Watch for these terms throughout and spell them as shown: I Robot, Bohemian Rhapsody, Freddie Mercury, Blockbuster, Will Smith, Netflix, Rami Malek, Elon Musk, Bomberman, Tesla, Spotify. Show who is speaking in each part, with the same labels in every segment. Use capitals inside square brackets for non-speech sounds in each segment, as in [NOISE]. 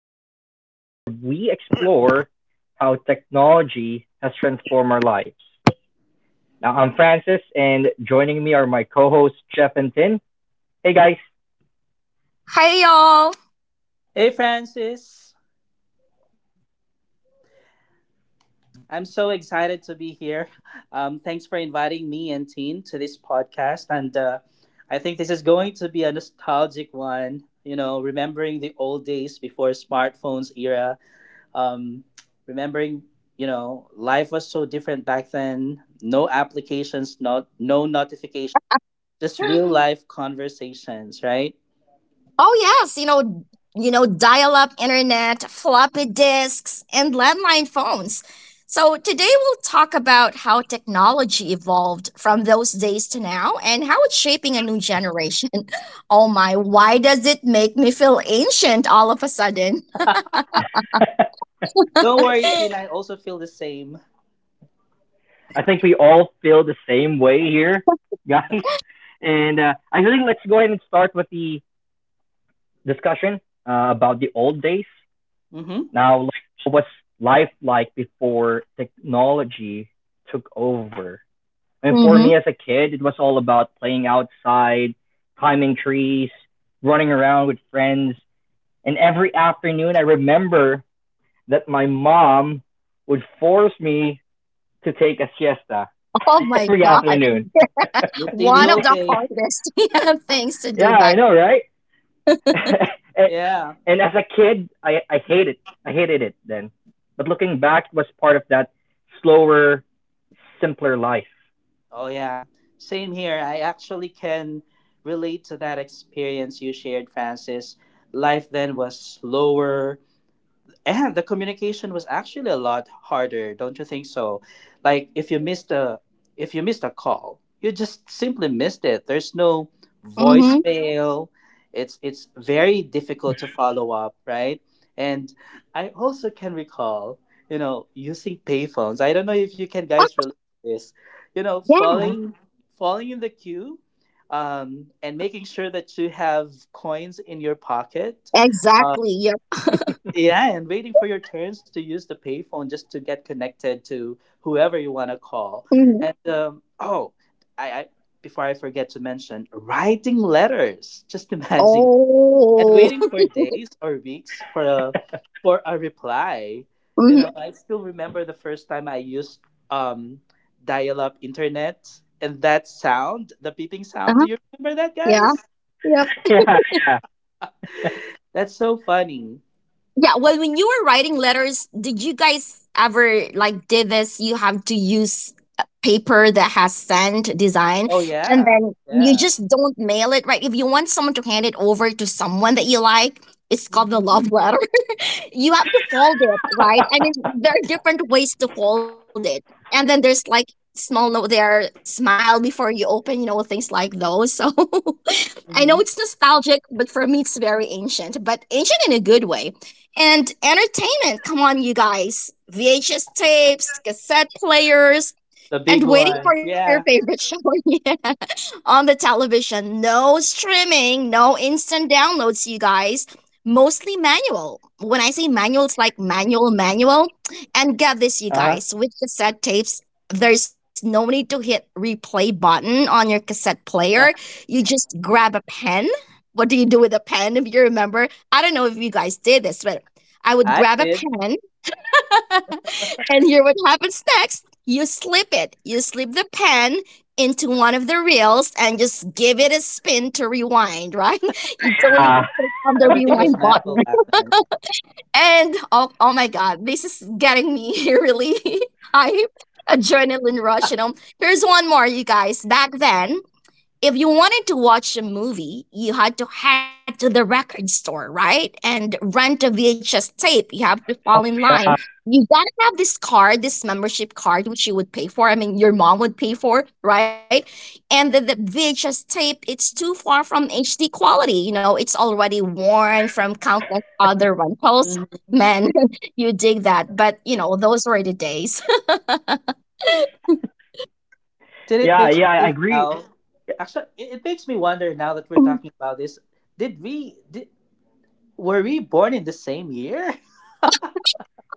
Speaker 1: the podcast where we explore how technology has transformed our lives. Now, I'm Francis, and joining me are my co hosts, Jeff and Tin. Hey, guys.
Speaker 2: Hi y'all.
Speaker 3: Hey, Francis. I'm so excited to be here. Thanks for inviting me and Teen to this podcast. And I think this is going to be a nostalgic one, you know, remembering the old days before smartphones era. Um, remembering, you know, life was so different back then. No applications, not, no notifications, just real life conversations, right?
Speaker 2: Oh yes, you know, dial-up internet, floppy disks, and landline phones. So today we'll talk about how technology evolved from those days to now and how it's shaping a new generation. [LAUGHS] Oh my, why does it make me feel ancient all of a sudden?
Speaker 3: [LAUGHS] Don't worry, Teen. I also feel the same.
Speaker 1: [LAUGHS] I think we all feel the same way here, [LAUGHS] guys. And I think let's go ahead and start with the discussion about the old days.
Speaker 3: Mm-hmm.
Speaker 1: Now, like, what was life like before technology took over? And for me
Speaker 2: hmm
Speaker 1: as a kid, it was all about playing outside, climbing trees, running around with friends. And every afternoon, I remember that my mom would force me to take a siesta
Speaker 2: [LAUGHS] Oh
Speaker 3: Mm-hmm.
Speaker 1: [LAUGHS]
Speaker 2: my
Speaker 1: every
Speaker 2: God.
Speaker 1: afternoon.
Speaker 3: Missing the
Speaker 2: One
Speaker 1: [LAUGHS]
Speaker 2: of
Speaker 3: old
Speaker 2: the
Speaker 3: days.
Speaker 2: hardest [LAUGHS] yeah, things to do
Speaker 1: Yeah, I
Speaker 2: back
Speaker 1: know,
Speaker 2: then.
Speaker 1: right? [LAUGHS] and,
Speaker 3: Yeah.
Speaker 1: and as a kid, I hated it. I hated it then. But looking back, it was part of that slower, simpler life.
Speaker 3: Oh, yeah. Same here. I actually can relate to that experience you shared, Francis. Life then was slower, and the communication was actually a lot harder, don't you think so? Like if you missed a call, you just simply missed it. There's no
Speaker 2: hmm
Speaker 3: voicemail. It's very difficult to follow up, right? And I also can recall, you know, using payphones. I don't know if you can
Speaker 2: Oh,
Speaker 3: guys relate to this. You know,
Speaker 2: [LAUGHS] yeah,
Speaker 3: falling in the queue, and making sure that you have coins in your pocket, uh,
Speaker 2: exactly. Yep.
Speaker 3: yeah, and waiting for your turns to use the payphone just to get connected to whoever you want to call.
Speaker 2: Mhm.
Speaker 3: And oh, I before I forget to mention, writing letters. [LAUGHS] Just imagine, and
Speaker 2: Oh.
Speaker 3: waiting for days or weeks for a reply. You know,
Speaker 2: [LAUGHS]
Speaker 3: I still remember the first time I used, um, dial-up internet, and that sound, the beeping sound. Do
Speaker 2: Uh-huh.
Speaker 3: you remember that,
Speaker 2: Yeah.
Speaker 3: guys?
Speaker 2: Yep.
Speaker 1: [LAUGHS] Yeah, yeah.
Speaker 3: That's so funny.
Speaker 2: Yeah. Well, when you were writing letters, did you guys ever like did this? You have to use a paper that has sand design,
Speaker 3: Oh
Speaker 2: and
Speaker 3: yeah,
Speaker 2: then you
Speaker 3: yeah.
Speaker 2: just don't mail it, right? If you want someone to hand it over to someone that you like, it's called a
Speaker 3: Mm-hmm.
Speaker 2: love letter. You have to fold it,
Speaker 1: [LAUGHS]
Speaker 2: right? I mean,
Speaker 1: Uh
Speaker 2: there are different ways to fold it. And then there's like small note there, smile before you open, things like those. So [LAUGHS] I know it's
Speaker 3: Mm-hmm.
Speaker 2: nostalgic, but for me, it's very ancient, but ancient in a good way. And entertainment, come on, you guys. VHS tapes, cassette players,
Speaker 3: The big
Speaker 2: and waiting for
Speaker 3: ones,
Speaker 2: your
Speaker 3: yeah.
Speaker 2: favorite show. [LAUGHS] on the television. No streaming, no instant downloads, you guys. Mostly manual. When I say manual, it's like manual, manual. And get this, you
Speaker 1: huh.
Speaker 2: guys, with cassette tapes, there's no need to hit replay button on your cassette player.
Speaker 3: [LAUGHS]
Speaker 2: You just grab a pen. What do you do with a pen if you remember? I don't know if you guys did this, but I would
Speaker 3: I
Speaker 2: grab a
Speaker 3: did.
Speaker 2: pen and here what happens next? You slip it. You slip the pen into one of the reels and just give it a spin to rewind, right? [LAUGHS] You don't need
Speaker 1: Uh,
Speaker 2: to click on the
Speaker 1: [LAUGHS] oh,
Speaker 3: Everything was
Speaker 2: rewind button.
Speaker 3: metal
Speaker 2: [LAUGHS]
Speaker 3: back then.
Speaker 2: And oh, oh my God, this is getting me [LAUGHS] really [LAUGHS] hype. Adrenaline rush, you know. Here's one more, you guys. Back then, if you wanted to watch a movie, you had to head to the record store, right? And rent a VHS tape. You have to fall in line.
Speaker 1: yeah,
Speaker 2: You gotta have this card, this membership card, which you would pay for. I mean, your mom would pay for, right? And the VHS tape, it's too far from HD quality. You know, it's already worn from countless other rentals.
Speaker 3: Hmm.
Speaker 2: Man, [LAUGHS] you dig that. But, you know, those were the days.
Speaker 3: Did it
Speaker 1: yeah,
Speaker 3: make you
Speaker 1: yeah, I
Speaker 3: think
Speaker 1: agree.
Speaker 3: now? Actually, it makes me wonder now that
Speaker 2: [LAUGHS]
Speaker 3: we're
Speaker 2: Oh
Speaker 3: talking about this. Did we? Did, were we born in the same year?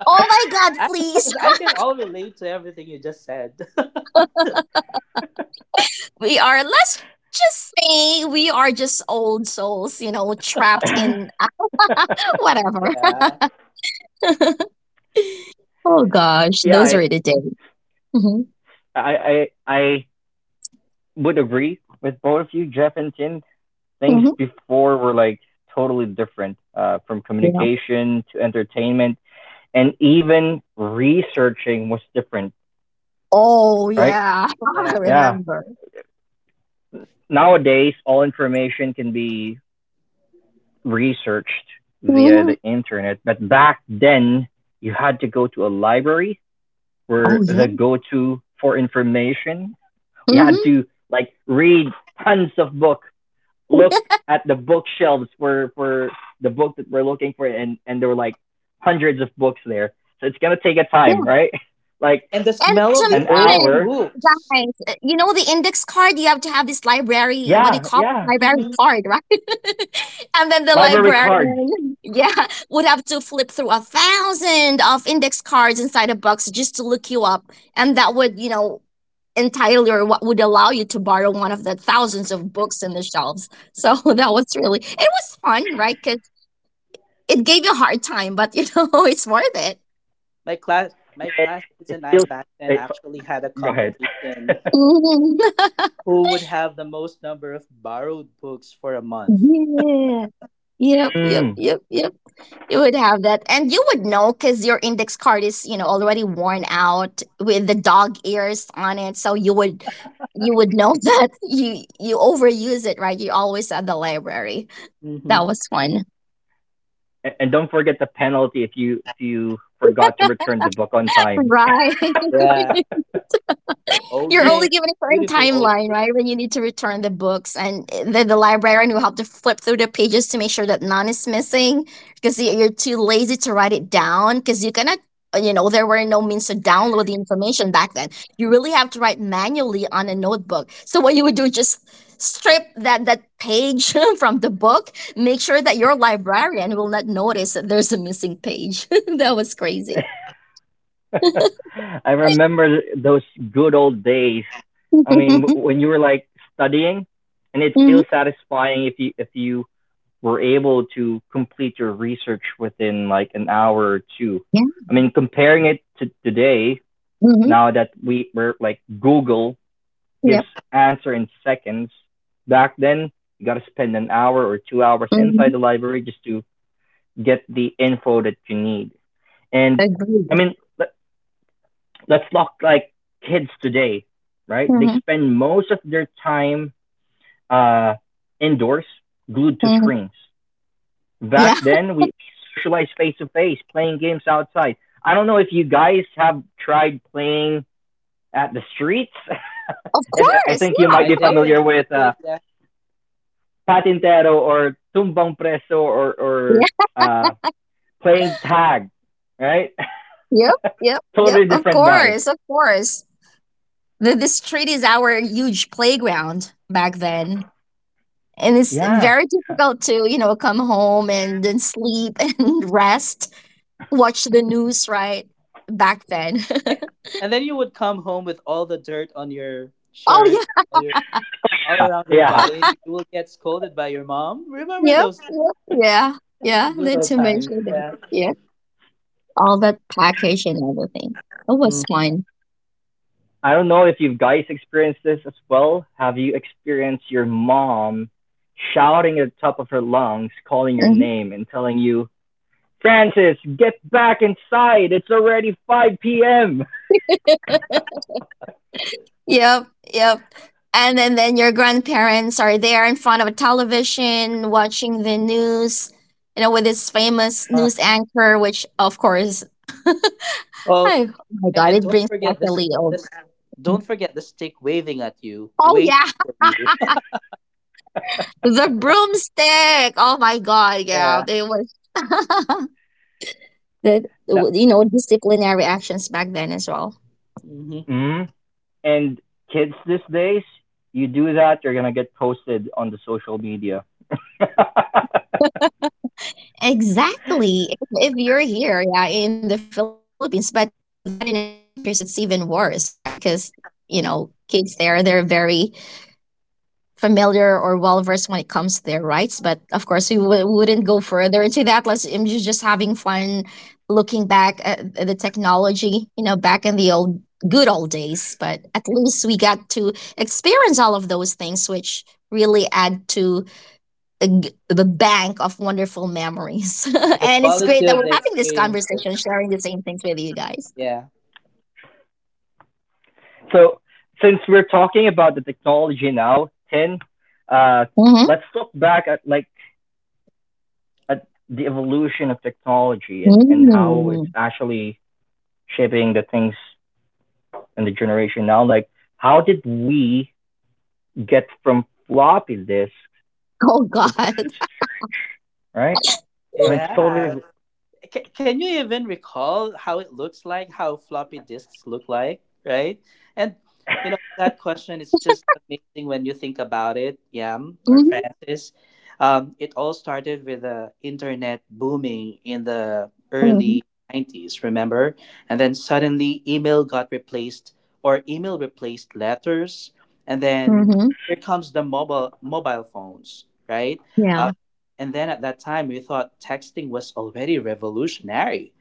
Speaker 2: my
Speaker 3: [LAUGHS]
Speaker 2: God,
Speaker 3: I,
Speaker 2: please.
Speaker 3: because I can all relate to everything you just said.
Speaker 2: We are, let's just say, we are just old souls, you know, trapped in
Speaker 1: [LAUGHS]
Speaker 2: [LAUGHS] whatever.
Speaker 3: [LAUGHS] Yeah,
Speaker 2: [LAUGHS] Oh gosh,
Speaker 1: yeah,
Speaker 2: those
Speaker 1: I,
Speaker 2: are the days. hmm
Speaker 1: I, I, I would agree with both of you, Jeff and Tim. Things
Speaker 2: hmm
Speaker 1: before were like totally different, from
Speaker 2: Yeah.
Speaker 1: communication to entertainment, and even researching was different,
Speaker 2: Oh
Speaker 1: right?
Speaker 2: yeah, [LAUGHS]
Speaker 3: yeah.
Speaker 2: I
Speaker 1: Yeah.
Speaker 2: remember.
Speaker 1: Nowadays, all information can be researched via
Speaker 2: hmm
Speaker 1: the internet, but back then you had to go to a library
Speaker 2: Oh
Speaker 1: were
Speaker 2: yeah.
Speaker 1: the go-to for information. We had
Speaker 2: hmm
Speaker 1: to like read tons of books. Look at the bookshelves for the book that we're looking for, and there were like
Speaker 2: hmm
Speaker 1: hundreds of books there. So it's gonna take a time, right? [LAUGHS] Like
Speaker 3: And the
Speaker 2: And
Speaker 3: smell of the
Speaker 1: an
Speaker 3: old
Speaker 2: submission,
Speaker 1: hour.
Speaker 3: books.
Speaker 2: guys. You know the index card. You have to have this library. What do you
Speaker 1: Yeah,
Speaker 2: call it?
Speaker 1: yeah.
Speaker 2: Library
Speaker 3: Hmm.
Speaker 2: card, right? [LAUGHS] And then the
Speaker 1: Library cards.
Speaker 2: librarian, yeah, would have to flip through a thousand of index cards inside a box just to look you up, and that would, you know, entitle you or what would allow you to borrow one of the thousands of books in the shelves. So [LAUGHS] that was really it was fun, right? Because it gave you a hard time, but you know [LAUGHS] it's worth it.
Speaker 3: My
Speaker 1: It,
Speaker 3: classmates
Speaker 1: it
Speaker 3: and I
Speaker 1: feels.
Speaker 3: back then
Speaker 1: It's,
Speaker 3: actually had a
Speaker 1: go ahead.
Speaker 3: competition.
Speaker 1: [LAUGHS]
Speaker 2: Mhm. [LAUGHS]
Speaker 3: Who would have the most number of borrowed books for a month?
Speaker 2: Yeah. Yep, yep,
Speaker 1: Mm.
Speaker 2: yep, yep. You would have that. And you would know because your index card is, you know, already worn out with the dog ears on it. So you would know [LAUGHS] that you overuse it, right? You're always at the library. That
Speaker 3: Hmm.
Speaker 2: was fun. [LAUGHS]
Speaker 1: And don't forget the penalty if you forgot to return the book on time.
Speaker 2: Right.
Speaker 3: Yeah,
Speaker 2: [LAUGHS]
Speaker 3: all
Speaker 2: You're only
Speaker 3: day,
Speaker 2: given a certain
Speaker 3: beautiful all.
Speaker 2: timeline, right? When you need to return the books, and the librarian will have to flip through the pages to make sure that none is missing because you're too lazy to write it down because you cannot, you know, there were no means to download the information back then. You really have to write manually on a notebook. So, what you would do is just strip that page [LAUGHS] from the book, make sure that your librarian will not notice that there's a missing page. [LAUGHS] That was crazy.
Speaker 1: [LAUGHS] [LAUGHS] I remember those good old days.
Speaker 2: [LAUGHS]
Speaker 1: I mean, when you were like studying, and it
Speaker 2: hmm
Speaker 1: feels satisfying if you were able to complete your research within like an hour or two.
Speaker 2: Yeah.
Speaker 1: I mean, comparing it to today,
Speaker 2: hmm
Speaker 1: now that we were like Google gives
Speaker 2: Yep.
Speaker 1: answer in seconds. Back then, you got to spend an hour or 2 hours
Speaker 2: hmm
Speaker 1: inside the library just to get the info that you need. And
Speaker 2: Agreed.
Speaker 1: I mean, let's look like kids today, right? They
Speaker 2: hmm
Speaker 1: spend most of their time uh, indoors, glued to
Speaker 2: hmm
Speaker 1: screens.
Speaker 2: Yeah,
Speaker 1: Back then, we socialized face to face, playing games outside. I don't know if you guys have tried playing at the streets.
Speaker 2: of
Speaker 1: [LAUGHS] I
Speaker 2: course.
Speaker 1: think you
Speaker 2: Yeah.
Speaker 1: might be familiar
Speaker 3: I
Speaker 1: with
Speaker 3: did, yeah.
Speaker 1: patintero or tumbang preso or
Speaker 2: Yeah.
Speaker 1: uh, playing tag, right?
Speaker 2: Yep.
Speaker 1: [LAUGHS]
Speaker 2: Yep. Yep.
Speaker 1: Totally
Speaker 2: Of
Speaker 1: different vibe.
Speaker 2: course. Of course. The street is our huge playground back then. And it's
Speaker 1: Yeah,
Speaker 2: very difficult to, you know, come home and then sleep [LAUGHS] and rest, watch the news, right? Back then.
Speaker 3: A-
Speaker 2: [LAUGHS]
Speaker 3: and then you would come home with all the dirt on your
Speaker 2: Oh,
Speaker 3: shirt,
Speaker 2: yeah.
Speaker 3: all your all around your
Speaker 1: yeah.
Speaker 3: body. You will get scolded by your mom. Remember
Speaker 2: Yep.
Speaker 3: those
Speaker 2: Yep. Yeah. Yeah.
Speaker 3: good
Speaker 2: Need
Speaker 3: old
Speaker 2: to
Speaker 3: times,
Speaker 2: mention that.
Speaker 3: yeah.
Speaker 2: Yeah. All that package and everything. It
Speaker 3: Mm.
Speaker 2: was fun.
Speaker 1: I don't know if you guys experienced this as well. Have you experienced your mom shouting at the top of her lungs, calling your
Speaker 2: Mm-hmm.
Speaker 1: name and telling you, Francis, get back inside. It's already 5 p.m.
Speaker 2: Yep, yep. And then your grandparents are there in front of a television watching the news, you know, with this famous
Speaker 1: Uh, [LAUGHS]
Speaker 2: news anchor, which of course,
Speaker 3: Oh,
Speaker 2: I, oh my
Speaker 3: a-
Speaker 2: God,
Speaker 3: and
Speaker 2: it
Speaker 3: don't
Speaker 2: brings back
Speaker 3: forget
Speaker 2: a
Speaker 3: this.
Speaker 2: little.
Speaker 3: This don't forget the stick waving at you,
Speaker 2: Oh
Speaker 3: waiting
Speaker 2: yeah,
Speaker 3: for you. [LAUGHS]
Speaker 2: [LAUGHS] the broomstick. Oh my God, yeah,
Speaker 3: Yeah.
Speaker 2: it was [LAUGHS] that
Speaker 1: no.
Speaker 2: you know disciplinary actions back then as well.
Speaker 3: Hmm.
Speaker 1: Mm. And kids these days, you do that, you're going to get posted on the social media. [LAUGHS]
Speaker 2: Exactly. If you're here, yeah, in the Philippines, but if you do that in other countries, it's even worse, right? Because, you know, kids there, they're very familiar or well versed when it comes to their rights. But of course, wouldn't go further into that. Let's just having fun looking back at the technology, you know, back in the old good old days. But at least we got to experience all of those things, which really add to the bank of wonderful memories. [LAUGHS]
Speaker 3: The
Speaker 2: And it's
Speaker 3: quality
Speaker 2: great that
Speaker 3: of
Speaker 2: we're
Speaker 3: the
Speaker 2: having this conversation,
Speaker 3: experiences.
Speaker 2: sharing the same things with you guys.
Speaker 3: Yeah.
Speaker 1: So, since we're talking about the technology now, Tin, uh,
Speaker 2: hmm
Speaker 1: let's look back at like at the evolution of technology and how it's
Speaker 2: mm
Speaker 1: actually shaping the things in the generation now. Like, how did we get from floppy disks
Speaker 2: Oh,
Speaker 1: to flash,
Speaker 2: God.
Speaker 1: right? I mean,
Speaker 2: [LAUGHS]
Speaker 1: it's totally
Speaker 3: Yeah. Can you even recall how it looks like, how floppy disks look like, right? And you know, that question is just amazing when you think about it, Yam or Francis. It all started with the internet booming in the
Speaker 2: Mm-hmm.
Speaker 3: early 90s, remember? And then suddenly email replaced letters. And then
Speaker 2: Mm-hmm.
Speaker 3: here comes the mobile phones, right?
Speaker 2: Yeah,
Speaker 3: Uh, and then at that time, we thought texting was already revolutionary.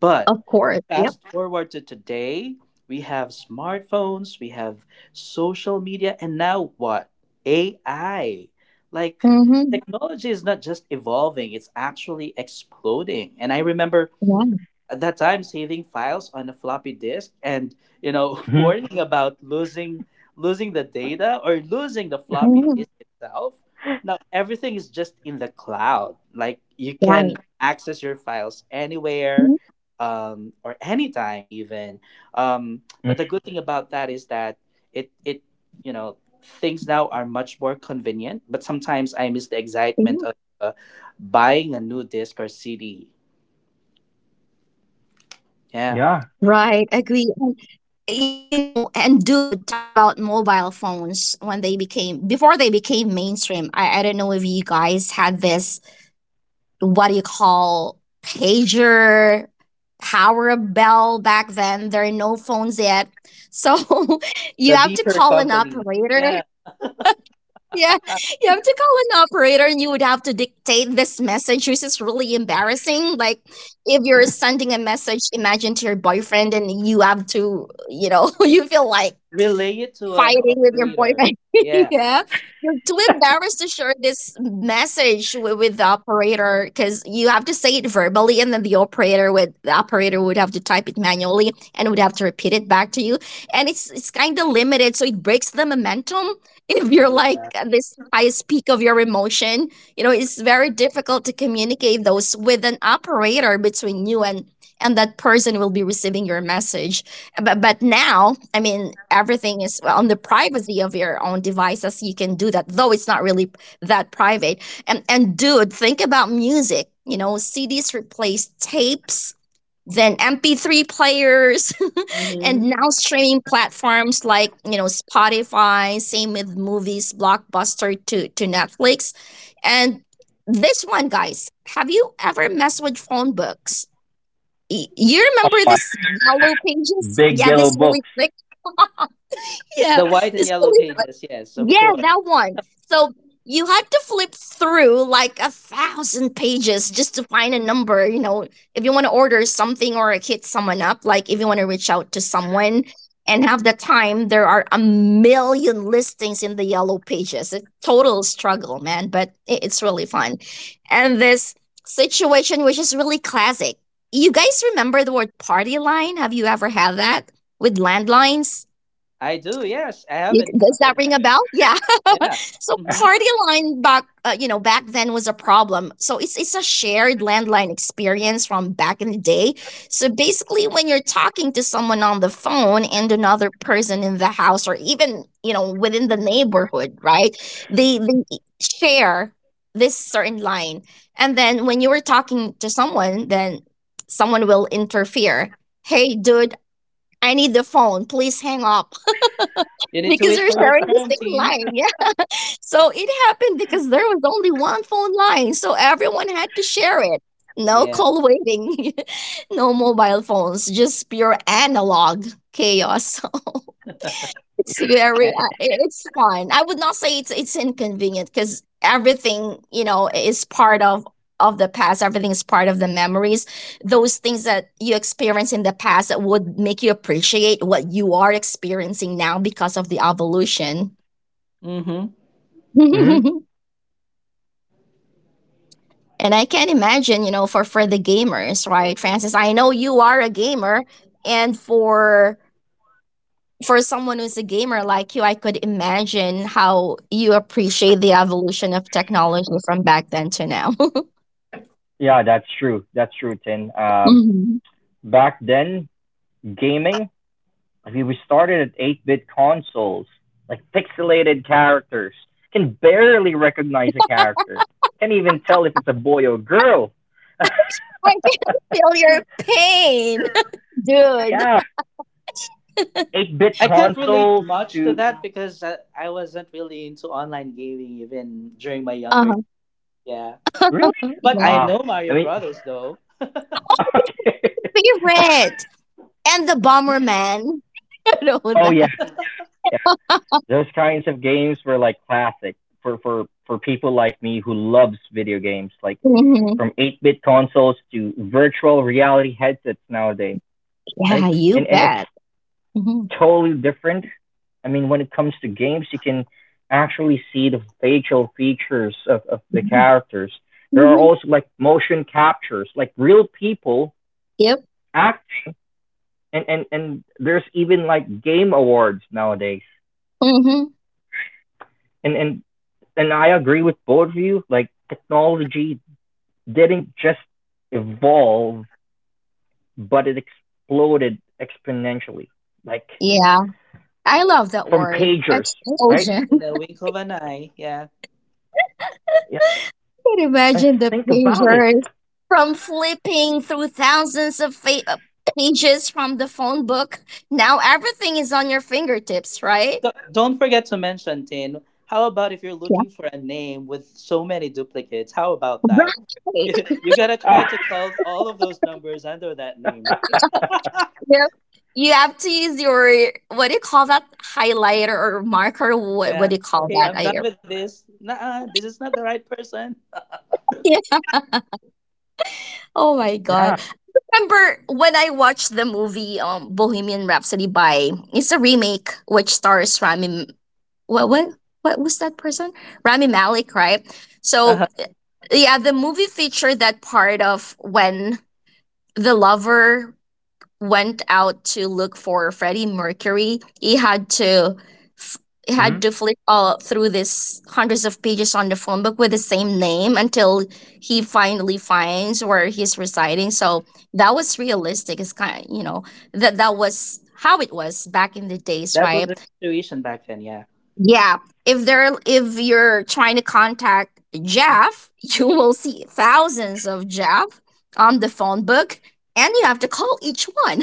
Speaker 3: But
Speaker 2: of course. Yep.
Speaker 3: fast forward to today, we have smartphones, we have social media, and now what? AI. Like,
Speaker 2: Mm-hmm.
Speaker 3: technology is not just evolving, it's actually exploding. And I remember
Speaker 2: Right.
Speaker 3: at that time, saving files on a floppy disk and, you know, [LAUGHS]
Speaker 1: Mhm.
Speaker 3: worrying about losing the data or losing the floppy
Speaker 2: hmm
Speaker 3: disk itself. Now everything is just in the cloud. Like, you can
Speaker 2: Right.
Speaker 3: access your files anywhere,
Speaker 2: hmm
Speaker 3: or anytime even.
Speaker 1: Mhm.
Speaker 3: But the good thing about that is that it you know things now are much more convenient. But sometimes I miss the
Speaker 2: Yeah.
Speaker 3: excitement of uh, buying a new disc or CD. Yeah.
Speaker 1: Yeah.
Speaker 2: Right. Agree. You know, and dude, talking about mobile phones when they became before they became mainstream, I don't know if you guys had this what do you call pager power bell back then there are no phones yet so [LAUGHS]
Speaker 3: The
Speaker 2: you have to
Speaker 3: beeper
Speaker 2: call an
Speaker 3: company.
Speaker 2: operator
Speaker 3: Yeah,
Speaker 2: [LAUGHS] yeah you have to call an operator and you would have to dictate this message which is really embarrassing like if you're sending a message imagine to your boyfriend and you have to you know [LAUGHS] you feel like
Speaker 3: relay it to an
Speaker 2: fighting with your
Speaker 3: operator.
Speaker 2: boyfriend. [LAUGHS]
Speaker 3: Yeah,
Speaker 2: Yeah, you're too embarrassed to share this message with the operator because you have to say it verbally, and then the operator would have to type it manually and would have to repeat it back to you. And it's kind of limited, so it breaks the momentum. [LAUGHS] If you're like
Speaker 3: yeah.
Speaker 2: at this highest peak of your emotion, you know it's very difficult to communicate those with an operator between you and that person who will be receiving your message but now I mean everything is on the privacy of your own devices you can do that though it's not really that private and dude think about music you know CDs replaced tapes then MP3 players [LAUGHS] and
Speaker 3: Hmm.
Speaker 2: now streaming platforms like you know Spotify same with movies Blockbuster to Netflix and this one guys have you ever messed with phone books you
Speaker 1: Oh
Speaker 2: remember
Speaker 1: my
Speaker 2: this yellow pages?
Speaker 1: big
Speaker 2: Yeah,
Speaker 1: yellow
Speaker 2: this really
Speaker 1: books.
Speaker 2: thick. [LAUGHS] yeah,
Speaker 3: The white and
Speaker 2: this
Speaker 3: yellow
Speaker 2: really
Speaker 3: pages. Yes, of
Speaker 2: yeah,
Speaker 3: course.
Speaker 2: that one. So you had to flip through like a thousand pages just to find a number. You know, if you want to order something or hit someone up, like if you want to reach out to someone and have the time, there are a million listings in the yellow pages. A total struggle, man, but it's really fun. And this situation, which is really classic. You guys remember the word party line? Have you ever had that with landlines?
Speaker 3: I do. Yes, I have
Speaker 2: You, does that
Speaker 3: encountered
Speaker 2: ring
Speaker 3: that.
Speaker 2: a bell? Yeah.
Speaker 3: Yeah.
Speaker 2: So
Speaker 3: Hmm.
Speaker 2: party
Speaker 1: [LAUGHS]
Speaker 2: line back, you know, back then was a problem. So it's a shared landline experience from back in the day. So basically, when you're talking to someone on the phone and another person in the house or even you know within the neighborhood, right? They share this certain line, and then when you were talking to someone, then someone will interfere. Hey, dude, I need the phone. Please hang up
Speaker 3: You
Speaker 2: [LAUGHS]
Speaker 3: need to
Speaker 2: because
Speaker 3: wait
Speaker 2: you're
Speaker 3: for your
Speaker 2: sharing the
Speaker 3: turn,
Speaker 2: same
Speaker 3: team.
Speaker 2: line. Yeah. So it happened because there was only one phone line, so everyone had to share it. No
Speaker 3: Yeah.
Speaker 2: call waiting, [LAUGHS] no mobile phones, just pure analog chaos. [LAUGHS] So it's very, it's fun. I would not say it's inconvenient because everything you know is part of the past. Everything is part of the memories. Those things that you experience in the past that would make you appreciate what you are experiencing now because of the evolution.
Speaker 3: Hmm.
Speaker 1: Mhm.
Speaker 2: [LAUGHS] And I can imagine, you know, for the gamers, right, Francis? I know you are a gamer, and for someone who's a gamer like you, I could imagine how you appreciate the evolution of technology from back then to now. [LAUGHS]
Speaker 1: Yeah, that's true. That's true, Tin.
Speaker 2: Mhm.
Speaker 1: Back then, gaming like we started at 8-bit consoles, like pixelated characters. Can barely recognize a character. Can't even tell if it's a boy or girl.
Speaker 2: I can feel your
Speaker 1: [LAUGHS]
Speaker 2: pain, [LAUGHS] dude.
Speaker 1: Yeah, 8-bit
Speaker 3: I can't relate
Speaker 1: consoles
Speaker 3: much to
Speaker 1: to
Speaker 3: that because I wasn't really into online gaming even during my younger.
Speaker 2: Uh-huh.
Speaker 3: Yeah.
Speaker 1: really?
Speaker 3: But
Speaker 2: Yeah,
Speaker 3: I
Speaker 1: Ah,
Speaker 3: know
Speaker 1: I
Speaker 3: Mario
Speaker 1: mean,
Speaker 3: Brothers though.
Speaker 1: okay.
Speaker 2: favorite and the Bomberman. [LAUGHS] I know
Speaker 1: [LAUGHS] Oh yeah,
Speaker 2: that.
Speaker 1: yeah. Those kinds of games were like classic for people like me who loves video games, like
Speaker 2: Mhm.
Speaker 1: from 8-bit consoles to virtual reality headsets nowadays. Right?
Speaker 2: Yeah, you
Speaker 1: And it's
Speaker 2: bet. hmm
Speaker 1: totally different. I mean, when it comes to games, you can actually see the facial features of the characters. There are
Speaker 2: hmm
Speaker 1: also like motion captures, like real people
Speaker 2: Yep.
Speaker 1: acting, and there's even like game awards nowadays.
Speaker 2: hmm
Speaker 1: And and and I agree with both of you. Like technology didn't just evolve, but it exploded exponentially. Like
Speaker 2: Yeah.
Speaker 3: Hmm.
Speaker 2: I love that
Speaker 1: from
Speaker 2: word,
Speaker 1: pagers, right?
Speaker 2: explosion.
Speaker 3: In
Speaker 2: [LAUGHS]
Speaker 3: a wink of an eye. Yeah.
Speaker 2: Can you
Speaker 1: Let's
Speaker 2: imagine the
Speaker 1: think about it.
Speaker 2: pictures from flipping through thousands of pages from the phone book? Now everything is on your fingertips, right?
Speaker 3: D- don't forget to mention, Tin. How about if you're
Speaker 2: Yeah.
Speaker 3: looking for a name with so many duplicates? How about that? [LAUGHS]
Speaker 2: Right.
Speaker 3: You gotta try to call all of those numbers under that name, right?
Speaker 1: [LAUGHS]
Speaker 2: [LAUGHS]
Speaker 3: [LAUGHS]
Speaker 2: yeah. You have to use your, what do you call that? Highlighter or marker? What
Speaker 3: Yeah.
Speaker 2: do you call
Speaker 3: Okay,
Speaker 2: that?
Speaker 3: I'm done with this. Nah, this is not the right person. [LAUGHS]
Speaker 2: [LAUGHS] Yeah. Oh my
Speaker 1: Yeah.
Speaker 2: God. Remember when I watched the movie Bohemian Rhapsody by, it's a remake which stars Rami what what what was that person? Rami Malek, right? So
Speaker 3: Uh-huh.
Speaker 2: yeah, the movie featured that part of when the lover went out to look for Freddie Mercury. He had to f- he
Speaker 1: Hmm?
Speaker 2: had to flip all through this hundreds of pages on the phone book with the same name until he finally finds where he's residing. So that was realistic. It's kind of you know that was how it was back in the days,
Speaker 3: That was
Speaker 2: right?
Speaker 3: the situation back then, yeah.
Speaker 2: Yeah, if you're trying to contact Jeff, [LAUGHS] you will see thousands of Jeff on the phone book, and you have to call each one.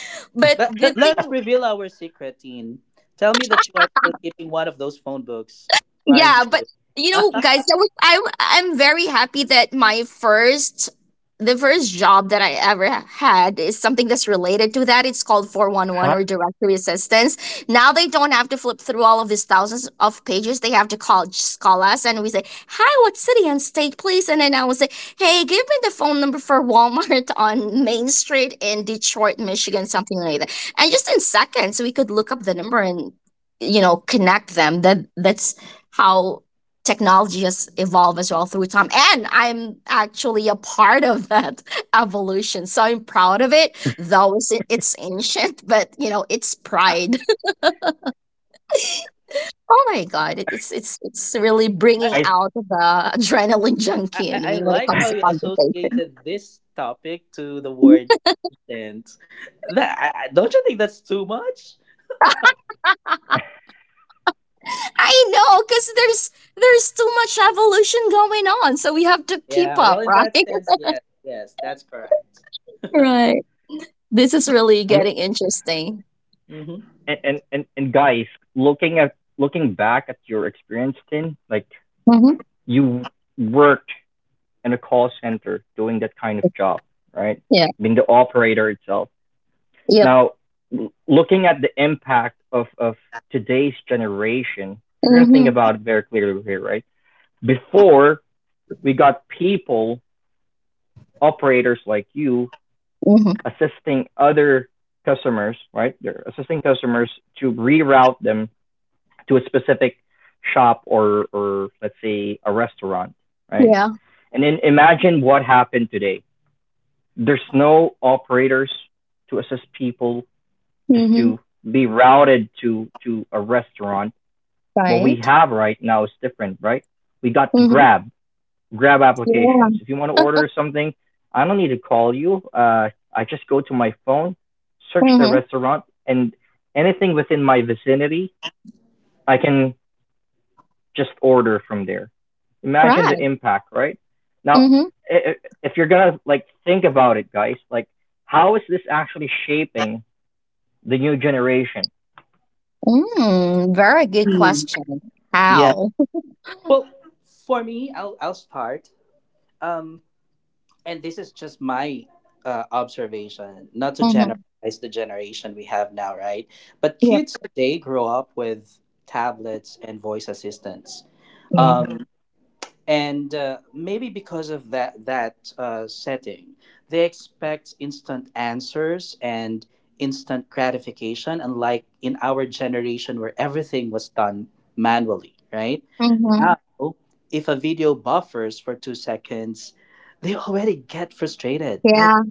Speaker 2: [LAUGHS] but
Speaker 3: But
Speaker 2: good thing
Speaker 3: let's reveal our secret, Teen. Tell me that you are still keeping one of those phone books, aren't
Speaker 2: Yeah, but
Speaker 3: you? [LAUGHS]
Speaker 2: you know,
Speaker 3: I,
Speaker 2: guys, that was I. I'm very happy that the first job that I ever had is something that's related to that. It's called four one
Speaker 1: I,
Speaker 2: one or directory assistance. Now they don't have to flip through all of these thousands of pages. They have to call us, and we say, "Hi, what city and state, please?" And then I will say, "Hey, give me the phone number for Walmart [LAUGHS] on Main Street in Detroit, Michigan, something like that." And just in seconds, we could look up the number and you know connect them that's how technology has evolved as well through time. And I'm actually a part of that [LAUGHS] evolution. So I'm proud of it, though it's ancient, [LAUGHS] but you know, it's pride. [LAUGHS] Oh my God. It's really bringing
Speaker 1: [LAUGHS]
Speaker 2: out the adrenaline [LAUGHS] junkie in
Speaker 3: I
Speaker 2: me when it
Speaker 3: like
Speaker 1: I
Speaker 2: comes
Speaker 3: how
Speaker 2: to
Speaker 3: you
Speaker 2: conversation.
Speaker 3: associated this topic to the word. And that don't you think that's too much?
Speaker 2: I know, because there's too much evolution going on. So we have to keep
Speaker 3: Yeah. Well,
Speaker 2: up,
Speaker 3: in
Speaker 2: right?
Speaker 3: that
Speaker 2: [LAUGHS]
Speaker 3: sense, yes, yes, that's correct. [LAUGHS]
Speaker 2: Right. This is really
Speaker 1: mean,
Speaker 2: getting interesting.
Speaker 3: Hmm.
Speaker 1: and guys, looking at looking back at your experience, Tin, like
Speaker 2: hmm
Speaker 1: you worked in a call center doing that kind of job, right?
Speaker 2: Yeah.
Speaker 1: Being the operator itself.
Speaker 2: Yep.
Speaker 1: Now, looking at the impact of today's generation, if you're gonna think
Speaker 2: hmm
Speaker 1: about it very clearly here, right? Before we got people, operators like you,
Speaker 2: hmm
Speaker 1: assisting other customers, right? They're assisting customers to reroute them to a specific shop, or let's say a restaurant, right?
Speaker 2: Yeah.
Speaker 1: And then imagine what happened today. There's no operators to assist people just to
Speaker 2: Mm-hmm.
Speaker 1: be routed to a restaurant. What we
Speaker 2: Right.
Speaker 1: have right now is different, right? We got
Speaker 2: Mm-hmm.
Speaker 1: Grab, grab applications.
Speaker 2: Yeah.
Speaker 1: If you want to order something, I don't need to call you. I just go to my phone, search the
Speaker 2: Mm-hmm.
Speaker 1: restaurant, and anything within my vicinity, I can just order from there. Imagine the
Speaker 2: Right.
Speaker 1: impact, right? Now,
Speaker 2: Mm-hmm.
Speaker 1: if you're gonna like think about it, guys, like how is this actually shaping the new generation?
Speaker 2: Mm, very good
Speaker 3: Mm.
Speaker 2: question.
Speaker 3: Yeah.
Speaker 2: How? [LAUGHS]
Speaker 3: Well, for me, I'll start. Um, and this is just my observation, not to generalize
Speaker 2: Mm-hmm.
Speaker 3: the generation we have now, right? But
Speaker 2: Yep.
Speaker 3: kids today grow up with tablets and voice assistants.
Speaker 2: Yeah.
Speaker 3: Um, and maybe because of that setting, they expect instant answers and instant gratification, unlike in our generation where everything was done manually, right?
Speaker 2: Mm-hmm.
Speaker 3: Now if a video buffers for 2 seconds, they already get frustrated, like,
Speaker 2: Yeah.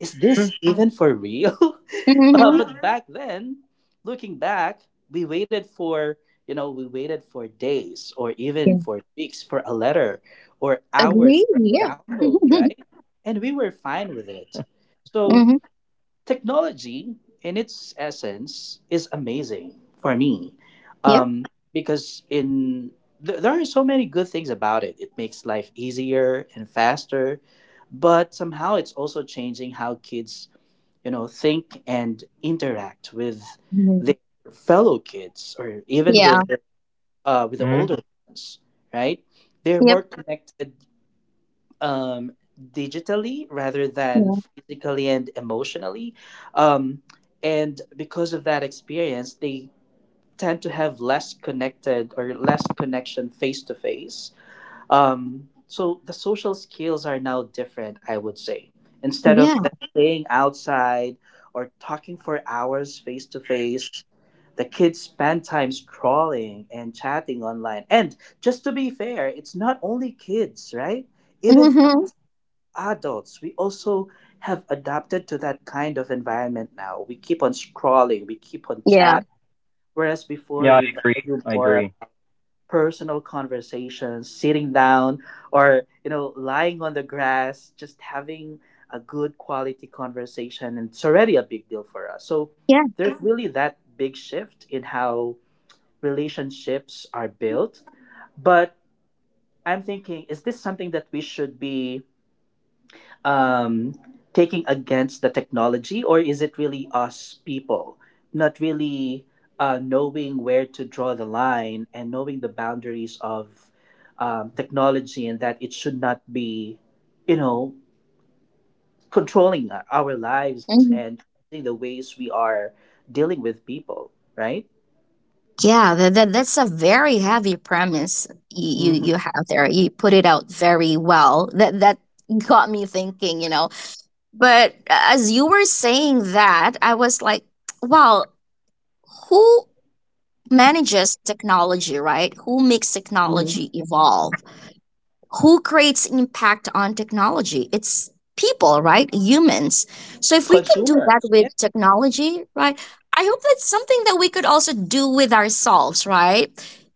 Speaker 3: is this [LAUGHS] even for real? [LAUGHS] [LAUGHS]
Speaker 2: Mm-hmm.
Speaker 3: But back then, looking back, we you know, we waited for days or even
Speaker 2: Yeah.
Speaker 3: for weeks for a letter, or hours
Speaker 2: Agree.
Speaker 3: for a
Speaker 2: Yeah.
Speaker 3: download,
Speaker 2: [LAUGHS]
Speaker 3: right? And we were fine with it. So,
Speaker 2: mm-hmm.
Speaker 3: technology in its essence is amazing for me.
Speaker 2: Yep.
Speaker 3: Um, because there are so many good things about it. It makes life easier and faster, but somehow it's also changing how kids, you know, think and interact with
Speaker 2: Mm-hmm.
Speaker 3: their fellow kids, or even
Speaker 2: Yeah.
Speaker 3: with the
Speaker 1: Mm-hmm.
Speaker 3: older ones, right? They're
Speaker 2: Yep.
Speaker 3: more connected, um, digitally rather than
Speaker 2: Yeah.
Speaker 3: physically and emotionally, um, and because of that experience, they tend to have less connected or less connection face to face. So the social skills are now different, I would say. Instead
Speaker 2: Yeah.
Speaker 3: of them playing outside or talking for hours face to face, the kids spend time scrolling and chatting online. And just to be fair, it's not only kids, right? Even
Speaker 2: Mm-hmm.
Speaker 3: adults, we also have adapted to that kind of environment now. We keep on scrolling, we keep on
Speaker 2: Yeah.
Speaker 3: chat, whereas before
Speaker 1: Yeah, I
Speaker 3: we
Speaker 1: agree.
Speaker 3: value
Speaker 1: I
Speaker 3: more
Speaker 1: agree.
Speaker 3: personal conversations, sitting down or, you know, lying on the grass, just having a good quality conversation. And it's already a big deal for us. So
Speaker 2: Yeah.
Speaker 3: there's really that big shift in how relationships are built. But I'm thinking, is this something that we should be um, taking against the technology, or is it really us people not really knowing where to draw the line and knowing the boundaries of technology, and that it should not be, you know, controlling our lives
Speaker 2: Mm-hmm.
Speaker 3: and the ways we are dealing with people, right?
Speaker 2: Yeah. That's a very heavy premise
Speaker 3: Hmm.
Speaker 2: you have there. You put it out very well. That that got me thinking. You know But as you were saying that, I was like, well, who manages technology, right? Who makes
Speaker 3: Hmm.
Speaker 2: technology evolve? Who creates impact on technology? It's people, right? Humans. So if we could do that
Speaker 3: Consumers, yeah.
Speaker 2: with technology, right? I hope that's something that we could also do with ourselves, right?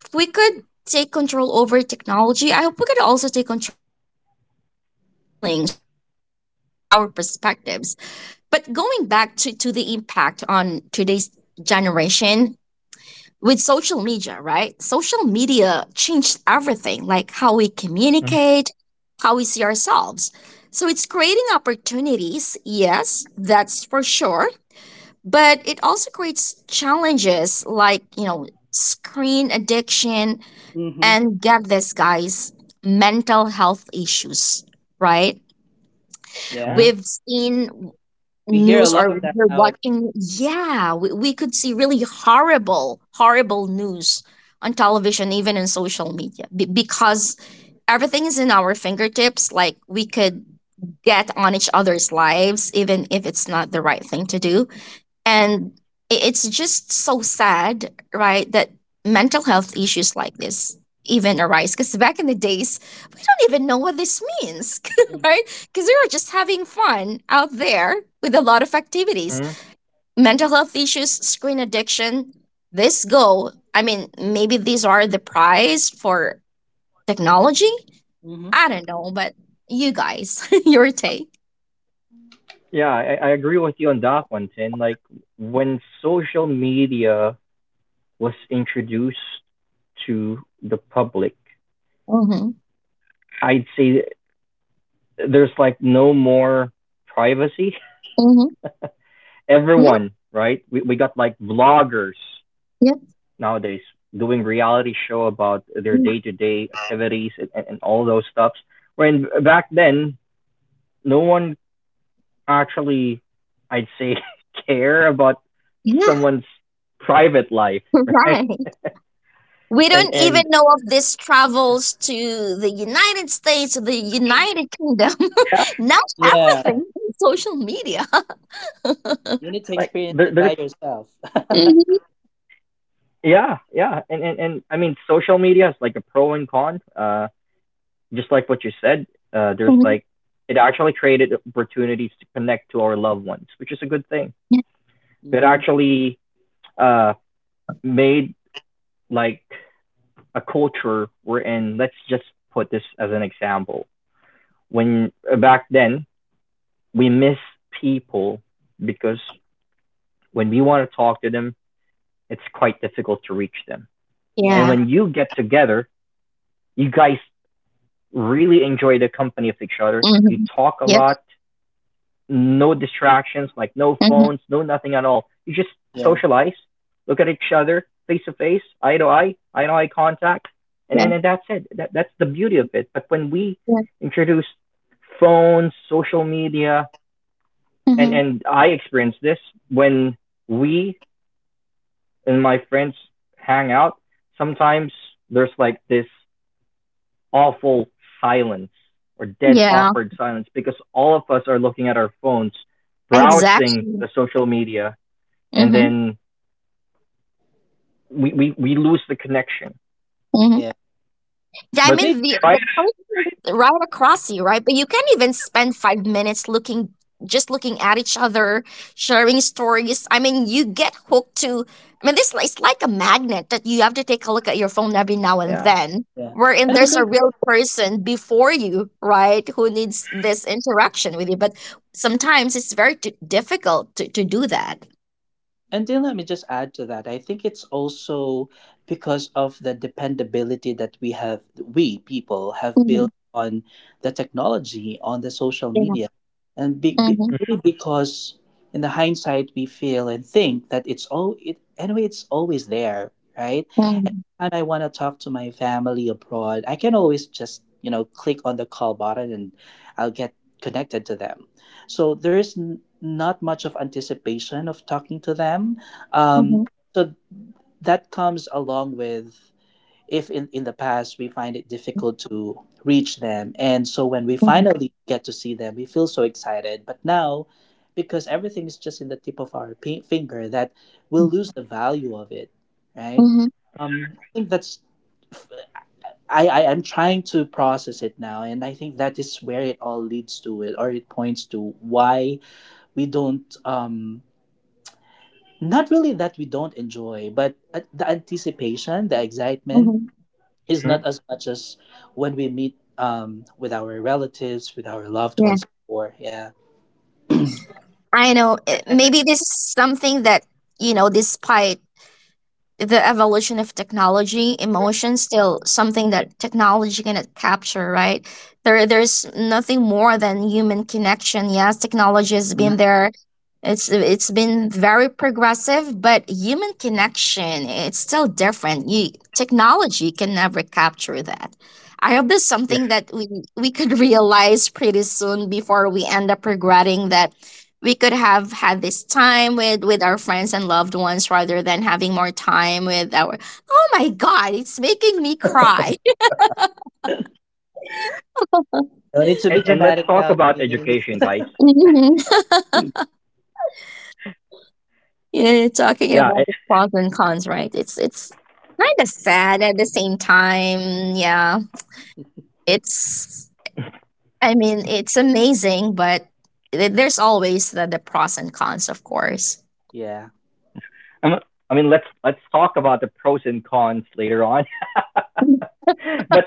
Speaker 2: If we could take control over technology, I hope we could also take control of our feelings, of our emotions, of our perspectives but going back to the impact on today's generation with social media, right? Social media changed everything, like how we
Speaker 1: Mm-hmm.
Speaker 2: communicate, how we see ourselves. So it's creating opportunities, yes, that's for sure, but it also creates challenges like, you know, screen addiction
Speaker 3: Hmm.
Speaker 2: and get this guys, mental health issues, right?
Speaker 3: Yeah.
Speaker 2: We've seen
Speaker 3: We hear a
Speaker 2: news
Speaker 3: lot
Speaker 2: or
Speaker 3: of that
Speaker 2: we're
Speaker 3: nowadays.
Speaker 2: watching yeah we could see really horrible news on television even in social media be because everything is in our fingertips like we could get on each other's lives even if it's not the right thing to do and it's just so sad, right, that mental health issues like this even arise. Because back in the days, we don't even know what this means, [LAUGHS] right? Because we were just having fun out there with a lot of activities.
Speaker 1: Mm-hmm.
Speaker 2: Mental health issues, screen addiction, this go. I mean, maybe these are the prize for technology.
Speaker 3: Hmm.
Speaker 2: I don't know, but you guys, [LAUGHS] your take.
Speaker 1: Yeah, I agree with you on that one, Tin. Like when social media was introduced to the public,
Speaker 2: Mm-hmm.
Speaker 1: I'd say there's like no more privacy.
Speaker 2: Mm-hmm.
Speaker 1: [LAUGHS]
Speaker 2: Yeah.
Speaker 1: Everyone, right? We got like vloggers
Speaker 2: Yeah.
Speaker 1: nowadays doing reality show about their
Speaker 2: Yeah.
Speaker 1: day to day activities and all those stuffs. When back then, no one actually, I'd say, [LAUGHS] care about
Speaker 2: yeah.
Speaker 1: someone's private life,
Speaker 2: [LAUGHS]
Speaker 1: right?
Speaker 2: Right.
Speaker 1: [LAUGHS]
Speaker 2: We
Speaker 1: and
Speaker 2: don't even
Speaker 1: and
Speaker 2: know of these travels to the United States, the United Kingdom.
Speaker 1: yeah,
Speaker 2: [LAUGHS] now
Speaker 3: Yeah.
Speaker 2: everything is social media.
Speaker 3: You need to
Speaker 1: [LAUGHS] like
Speaker 3: experience
Speaker 1: there,
Speaker 3: it by
Speaker 1: there's
Speaker 3: yourself.
Speaker 2: [LAUGHS]
Speaker 1: yeah yeah and, and I mean social media is like a pro and con. Just like what you said, there's
Speaker 2: Mhm.
Speaker 1: like it actually created opportunities to connect to our loved ones, which is a good thing. It
Speaker 3: Mm-hmm.
Speaker 1: actually uh made like a culture wherein let's just put this as an example when back then we miss people because when we want to talk to them, it's quite difficult to reach them. And
Speaker 2: Yeah.
Speaker 3: Yeah,
Speaker 1: when you get together, you guys really enjoy the company of each other. You
Speaker 2: hmm
Speaker 1: talk a
Speaker 2: Yep.
Speaker 1: lot, no distractions, like no
Speaker 2: hmm
Speaker 1: phones, no nothing at all. You just
Speaker 3: yeah,
Speaker 1: socialize, look at each other face to face, eye to eye contact, and
Speaker 2: Yeah.
Speaker 1: and, and that's it. That's the beauty of it. But when we
Speaker 2: Yeah.
Speaker 1: introduce phones, social media, and
Speaker 2: hmm
Speaker 1: and I experience this when we and my friends hang out. Sometimes there's like this awful silence or dead
Speaker 2: Yeah.
Speaker 1: awkward silence because all of us are looking at our phones, browsing
Speaker 2: Exactly.
Speaker 1: the social media, and
Speaker 2: Mm-hmm.
Speaker 1: then we lose the connection.
Speaker 3: yeah.
Speaker 2: Yeah, I
Speaker 1: But
Speaker 3: Maybe,
Speaker 2: mean
Speaker 1: try
Speaker 2: the place is right across you, right? But you can't even spend 5 minutes looking just looking at each other, sharing stories. I mean, you get hooked to. I mean, this it's like a magnet that you have to take a look at your phone every now and
Speaker 1: yeah.
Speaker 2: then,
Speaker 3: yeah.
Speaker 2: wherein
Speaker 3: And I
Speaker 2: there's a
Speaker 3: think,
Speaker 2: real person before you, right, who needs this interaction with you. But sometimes it's very difficult to do that.
Speaker 3: and then let me just add to that. I think it's also because of the dependability that we have, we people have
Speaker 2: Mm-hmm.
Speaker 3: built on the technology, on the social
Speaker 2: Yeah.
Speaker 3: media. And
Speaker 2: Mm-hmm.
Speaker 3: maybe because in the hindsight, we feel and think that anyway, it's always there, right?
Speaker 2: Mm-hmm.
Speaker 3: Anytime I want to talk to my family abroad, I can always just, you know, click on the call button and I'll get connected to them. So there's n- not much of anticipation of talking to them. Um,
Speaker 2: Mm-hmm.
Speaker 3: so that comes along with, if in, in the past we find it difficult to reach them. And so when we finally get to see them, we feel so excited. But now, because everything is just in the tip of our pi- finger, that we'll lose the value of it, right?
Speaker 2: Mm-hmm.
Speaker 3: I think I am trying to process it now, and I think that is where it all leads to it, or it points to why we don't not really that we don't enjoy, but at- the anticipation, the excitement
Speaker 2: Mm-hmm.
Speaker 3: is
Speaker 1: Mhm.
Speaker 3: not as much as when we meet, with our relatives, with our loved ones, or yeah.
Speaker 2: I know. Maybe this is something that, you know, despite the evolution of technology, emotion still something that technology cannot capture, right? There's nothing more than human connection. Yes, technology has been
Speaker 3: Mhm.
Speaker 2: there. It's been very progressive, but human connection, it's still different. You technology can never capture that. I hope this is
Speaker 1: Yeah.
Speaker 2: something that we could [LAUGHS] realize pretty soon before we end up regretting that we could have had this time with our friends and loved ones rather than having more time with our oh my god it's making me cry [LAUGHS]
Speaker 1: And let's talk
Speaker 3: No
Speaker 1: about
Speaker 3: need to be
Speaker 1: education,
Speaker 3: dramatic
Speaker 1: guys.
Speaker 3: now, Tin.
Speaker 2: Mhm. yeah you're
Speaker 1: Yeah,
Speaker 2: talking about the pros and cons right it's kind of sad at the same time yeah it's I mean it's amazing but there's always the pros and cons of course
Speaker 3: Yeah.
Speaker 1: I mean, let's talk about the pros and cons later on. [LAUGHS] But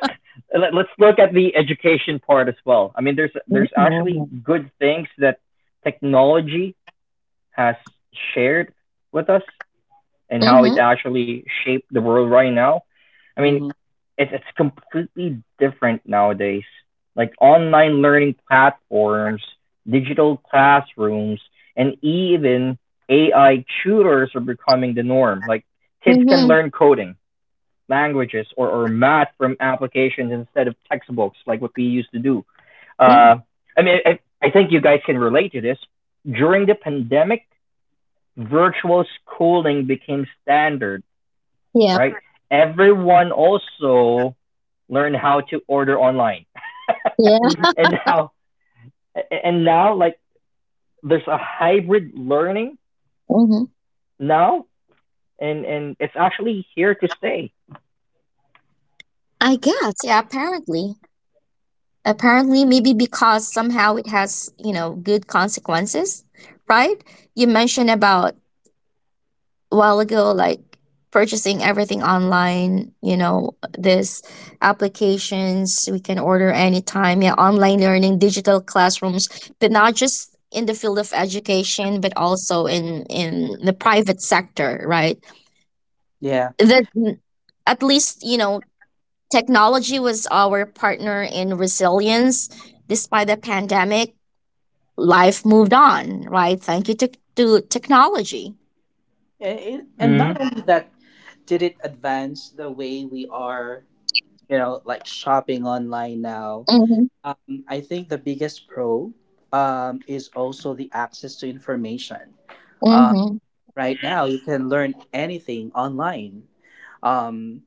Speaker 1: let's look at the education part as well. I mean, there's actually
Speaker 2: mm-hmm.
Speaker 1: good things that technology has shared with us and how it
Speaker 2: Mm-hmm.
Speaker 1: actually shaped the world right now. I mean,
Speaker 3: Mm-hmm.
Speaker 1: it's completely different nowadays. Like online learning platforms, digital classrooms, and even AI tutors are becoming the norm. Like kids can
Speaker 2: hmm
Speaker 1: learn coding, languages, or math from applications instead of textbooks, like what we used to do. Uh,
Speaker 2: yeah
Speaker 1: I mean, I think you guys can relate to this. During the pandemic, virtual schooling became standard,
Speaker 2: yep
Speaker 1: right? Everyone also learn how to order online.
Speaker 2: yeah
Speaker 1: [LAUGHS]
Speaker 3: Hmm.
Speaker 1: and now and now like there's a hybrid learning
Speaker 2: mm-hmm.
Speaker 1: now and it's actually here to stay.
Speaker 2: I guess yeah apparently apparently maybe because somehow it has you know good consequences right you mentioned about a while ago like purchasing everything online you know this applications we can order anytime yeah online learning digital classrooms but not just in the field of education but also in the private sector right
Speaker 3: Yeah.
Speaker 2: that at least you know technology was our partner in resilience despite the pandemic life moved on, right? Thank you to technology.
Speaker 3: And
Speaker 1: Mm-hmm.
Speaker 3: not only that, did it advance the way we are, you know, like shopping online now.
Speaker 2: Mm-hmm.
Speaker 3: I think the biggest pro, is also the access to information. Uh,
Speaker 2: Mm-hmm.
Speaker 3: right now, you can learn anything online. Um,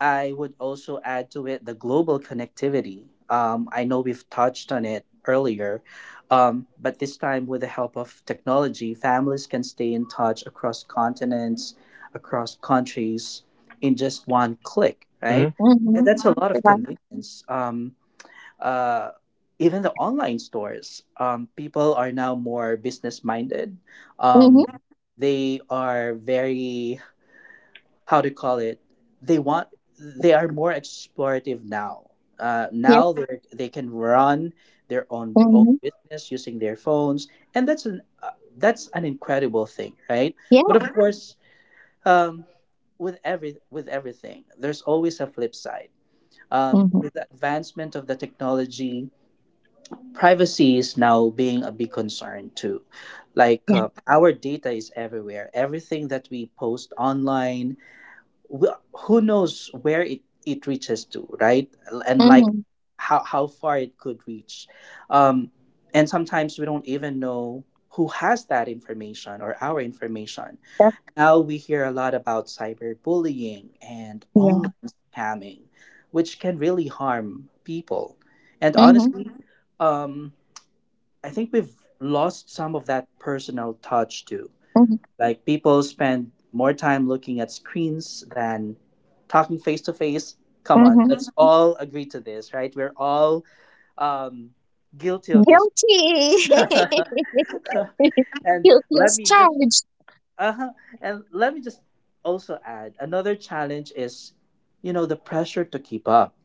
Speaker 3: I would also add to it the global connectivity. I know we've touched on it earlier, but this time with the help of technology, families can stay in touch across continents, across countries in just one click,
Speaker 1: Mm-hmm.
Speaker 3: right? And
Speaker 2: Mm-hmm.
Speaker 3: that's a lot of
Speaker 2: Right.
Speaker 3: convenience. Uh, Even the online stores, people are now more business minded. Um,
Speaker 2: Mm-hmm.
Speaker 3: they are very, how to call it, they want, they are more explorative now.
Speaker 2: Yeah.
Speaker 3: Now they can run their own
Speaker 2: Mm-hmm.
Speaker 3: business using their phones, and that's an incredible thing, right?
Speaker 2: Yeah.
Speaker 3: But of course, um, with everything, there's always a flip side.
Speaker 2: Mm-hmm.
Speaker 3: With the advancement of the technology, privacy is now being a big concern too. Like
Speaker 2: Yeah.
Speaker 3: our data is everywhere. Everything that we post online, who knows where it reaches to, right? And like
Speaker 2: Mm-hmm.
Speaker 3: how far it could reach. Um, and sometimes we don't even know who has that information or our information.
Speaker 2: That's
Speaker 3: Now we hear a lot about cyberbullying and
Speaker 2: yeah.
Speaker 3: online scamming, which can really harm people. And
Speaker 2: Mm-hmm.
Speaker 3: honestly, Mhm. um, I think we've lost some of that personal touch too.
Speaker 2: Mm-hmm.
Speaker 3: Like people spend more time looking at screens than talking face to face. Come on,
Speaker 2: Mm-hmm.
Speaker 3: let's Mhm. all agree to this, right? We're all um, guilty of this.
Speaker 2: Guilty.
Speaker 3: [LAUGHS]
Speaker 2: [LAUGHS]
Speaker 3: And
Speaker 2: Guilty
Speaker 3: let
Speaker 2: as
Speaker 3: me just
Speaker 2: charged.
Speaker 3: uh-huh, and let me just also add another challenge is, the pressure to keep up,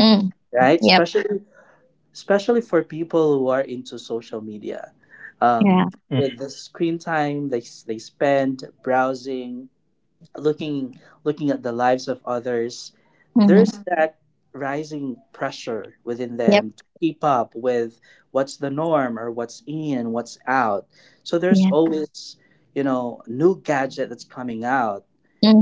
Speaker 2: Mm.
Speaker 3: right?
Speaker 2: Yep.
Speaker 3: Especially for people who are into social media.
Speaker 2: Yeah.
Speaker 3: Um, with the screen time they spend browsing, looking at the lives of others,
Speaker 2: Mm-hmm.
Speaker 3: there's that rising pressure within
Speaker 2: Yep.
Speaker 3: them to keep up with what's the norm or what's in, what's out. So there's
Speaker 2: Yeah.
Speaker 3: always new gadget that's coming out,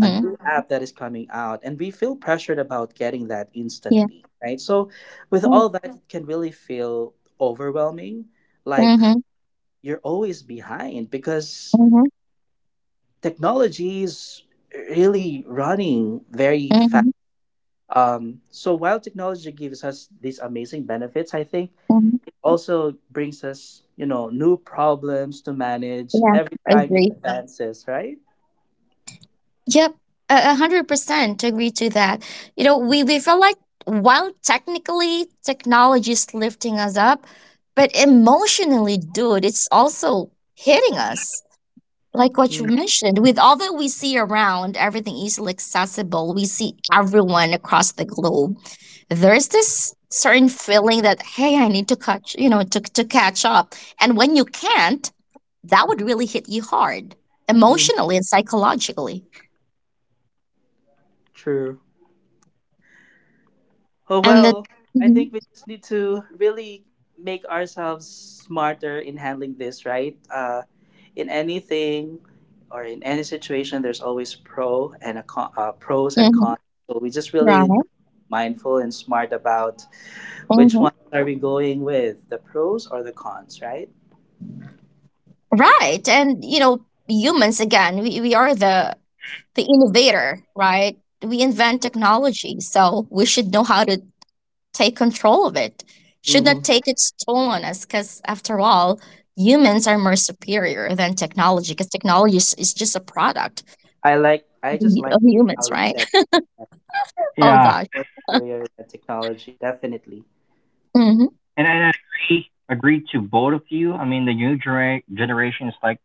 Speaker 3: a new app that is coming out, and we feel pressured about getting that
Speaker 2: Yeah.
Speaker 3: instantly right. So with
Speaker 2: Mm-hmm.
Speaker 3: all that, it can really feel overwhelming, like
Speaker 2: Mm-hmm.
Speaker 3: you're always behind because technology is really running very fast.
Speaker 2: Mm-hmm.
Speaker 3: So while technology gives us these amazing benefits, I think
Speaker 2: Mm-hmm.
Speaker 3: it also brings us new problems to manage
Speaker 2: Yeah.
Speaker 3: every time it
Speaker 2: Agree.
Speaker 3: advances, right?
Speaker 2: Yep, a 100% agree to that. You know, we feel like while technically technology is lifting us up, but emotionally, dude, it's also hitting us. Like
Speaker 3: Mm-hmm.
Speaker 2: what you mentioned, with all that we see around, everything easily accessible, we see everyone across the globe. There's this certain feeling that hey, I need to catch, you know, to catch up. And when you can't, that would really hit you hard,
Speaker 3: Mm-hmm.
Speaker 2: emotionally and psychologically.
Speaker 3: True. Oh
Speaker 2: And the
Speaker 3: well, I
Speaker 2: hmm
Speaker 3: think we just need to really make ourselves smarter in handling this, right? In anything or in any situation, there's always pros and
Speaker 2: hmm
Speaker 3: cons. So we just really need to be
Speaker 2: right
Speaker 3: mindful and smart about which
Speaker 2: hmm
Speaker 3: ones are we going with, the pros or the cons, right?
Speaker 2: right and you know humans again we are the innovator right we invent technology so we should know how to take control of it should
Speaker 3: Hmm.
Speaker 2: not take its toll on us because after all humans are more superior than technology because is just a product
Speaker 3: I like. I just
Speaker 2: of
Speaker 3: like the way
Speaker 2: humans
Speaker 3: how you
Speaker 2: right
Speaker 3: said that.
Speaker 2: [LAUGHS] oh
Speaker 1: Yeah,
Speaker 3: Definitely
Speaker 2: gosh
Speaker 3: more superior than technology. Definitely.
Speaker 2: hmm
Speaker 1: and I agree agree to both of you. I mean, the new genera- generation is like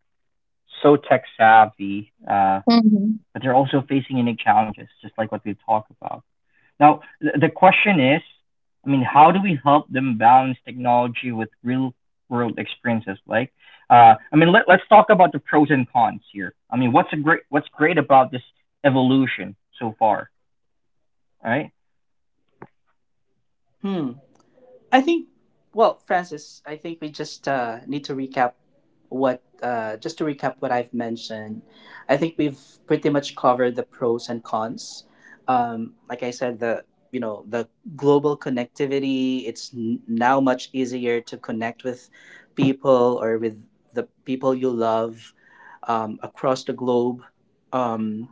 Speaker 1: so tech savvy,
Speaker 2: hmm
Speaker 1: but they're also facing unique challenges, just like what we talked about. Now, the question is, I mean, how do we help them balance technology with real world experiences? Like, I mean, let's talk about the pros and cons here. I mean, what's great about this evolution so far, right?
Speaker 3: Hmm. I think, well, Francis, I think we just need to recap just to recap what I've mentioned. I think we've pretty much covered the pros and cons. Like I said, the the global connectivity. It's now much easier to connect with people or with the people you love across the globe. Um,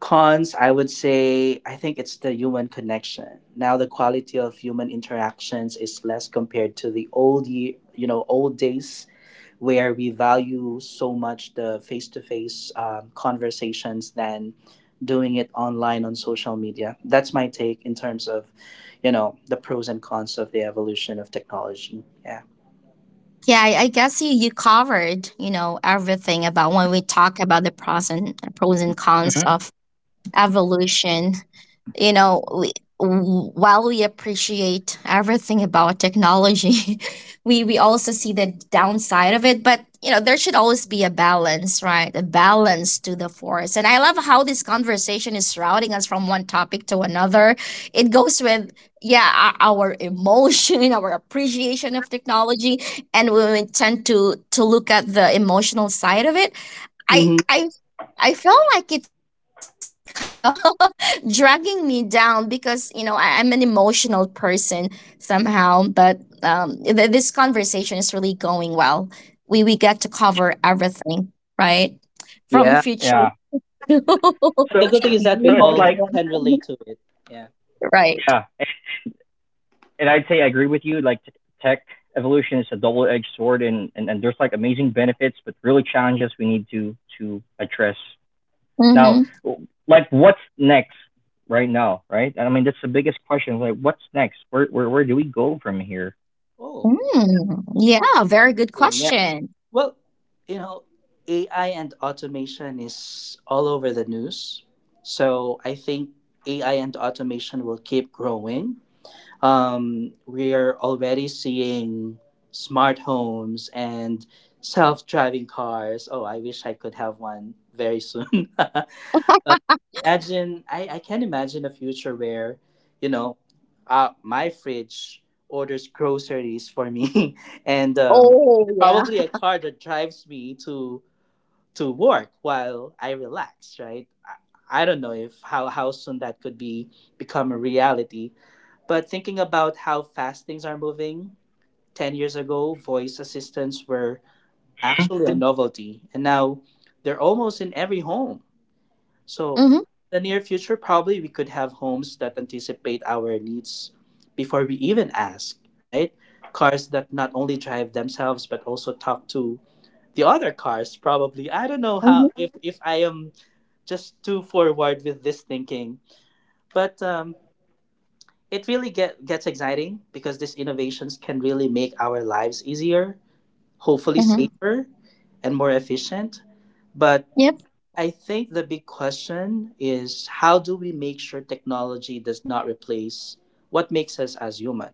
Speaker 3: Cons, I would say, I think it's the human connection. Now the quality of human interactions is less compared to the old ye you know, old days where we value so much the face-to-face conversations than doing it online on social media. That's my take in terms of, you know, the pros and cons of the evolution of technology. Yeah.
Speaker 2: Yeah, I guess you, you covered, you know, everything about when we talk about the pros and cons
Speaker 1: Hmm.
Speaker 2: of evolution you know we, while we appreciate everything about technology [LAUGHS] we also see the downside of it but you know there should always be a balance right a balance to the force and I love how this conversation is routing us from one topic to another it goes with yeah our emotion [LAUGHS] our appreciation of technology and we tend to look at the emotional side of it I
Speaker 3: Hmm.
Speaker 2: I I feel like it's kind of [LAUGHS] dragging me down because you know I'm an emotional person somehow. But this conversation is really going well. We get to cover everything, right? From
Speaker 3: Yeah.
Speaker 2: future
Speaker 1: Yeah.
Speaker 2: [LAUGHS] to
Speaker 3: And
Speaker 2: the
Speaker 3: the
Speaker 1: So,
Speaker 3: good thing is that
Speaker 1: so
Speaker 3: we
Speaker 1: it's
Speaker 3: all
Speaker 1: like,
Speaker 2: emotional,
Speaker 3: can
Speaker 2: [LAUGHS] stuff.
Speaker 3: relate to it. Yeah.
Speaker 2: Right?
Speaker 1: yeah, and I'd say I agree with you. Like, tech evolution is a double-edged sword, and there's like amazing benefits, but really challenges we need to address. Now,
Speaker 2: Mm-hmm.
Speaker 1: like, what's next right now, right? I mean, that's the biggest question. Like, what's next? Where do we go from here?
Speaker 3: Oh.
Speaker 2: Mm. Yeah, very good
Speaker 3: Yeah.
Speaker 2: question.
Speaker 3: Well, you know, AI and automation is all over the news. So I think AI and automation will keep growing. We are already seeing smart homes and self driving cars. Oh, I wish I could have one very soon. [LAUGHS] But imagine, I can imagine a future where, you know, my fridge orders groceries for me [LAUGHS] and
Speaker 2: Oh yeah.
Speaker 3: probably a car that drives me to work while I relax, right? I don't know if how, how soon that could be become a reality. But thinking about how fast things are moving, 10 years ago, voice assistants were actually a novelty. And now they're almost in every home. So,
Speaker 2: Mm-hmm.
Speaker 3: in the near future, probably we could have homes that anticipate our needs before we even ask, right? Cars that not only drive themselves but also talk to the other cars. Probably, I don't know
Speaker 2: Mm-hmm.
Speaker 3: how if I am just too forward with this thinking, but it really gets exciting because these innovations can really make our lives easier, hopefully
Speaker 2: Mm-hmm.
Speaker 3: safer, and more efficient. But
Speaker 2: Yep.
Speaker 3: I think the big question is, how do we make sure technology does not replace what makes us as human?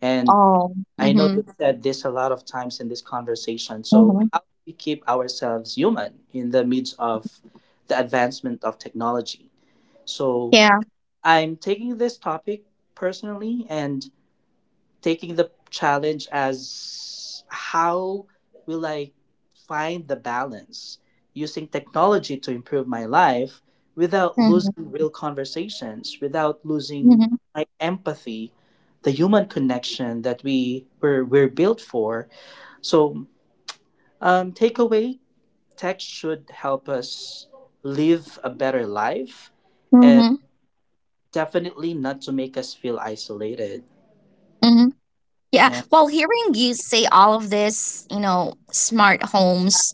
Speaker 3: And
Speaker 2: Oh.
Speaker 3: I know you
Speaker 2: Mm-hmm.
Speaker 3: said this a lot of times in this conversation. So,
Speaker 2: Mm-hmm.
Speaker 3: how do we keep ourselves human in the midst of the advancement of technology? So,
Speaker 2: Yeah.
Speaker 3: I'm taking this topic personally and taking the challenge as how will I find the balance using technology to improve my life without
Speaker 2: Mm-hmm.
Speaker 3: losing real conversations, without losing
Speaker 2: Mhm,
Speaker 3: my empathy, the human connection that we're built for. So takeaway, tech should help us live a better life and
Speaker 2: mhm,
Speaker 3: definitely not to make us feel isolated.
Speaker 2: mhm, Yeah,
Speaker 3: Yeah.
Speaker 2: well, hearing you say all of this, you know, smart homes,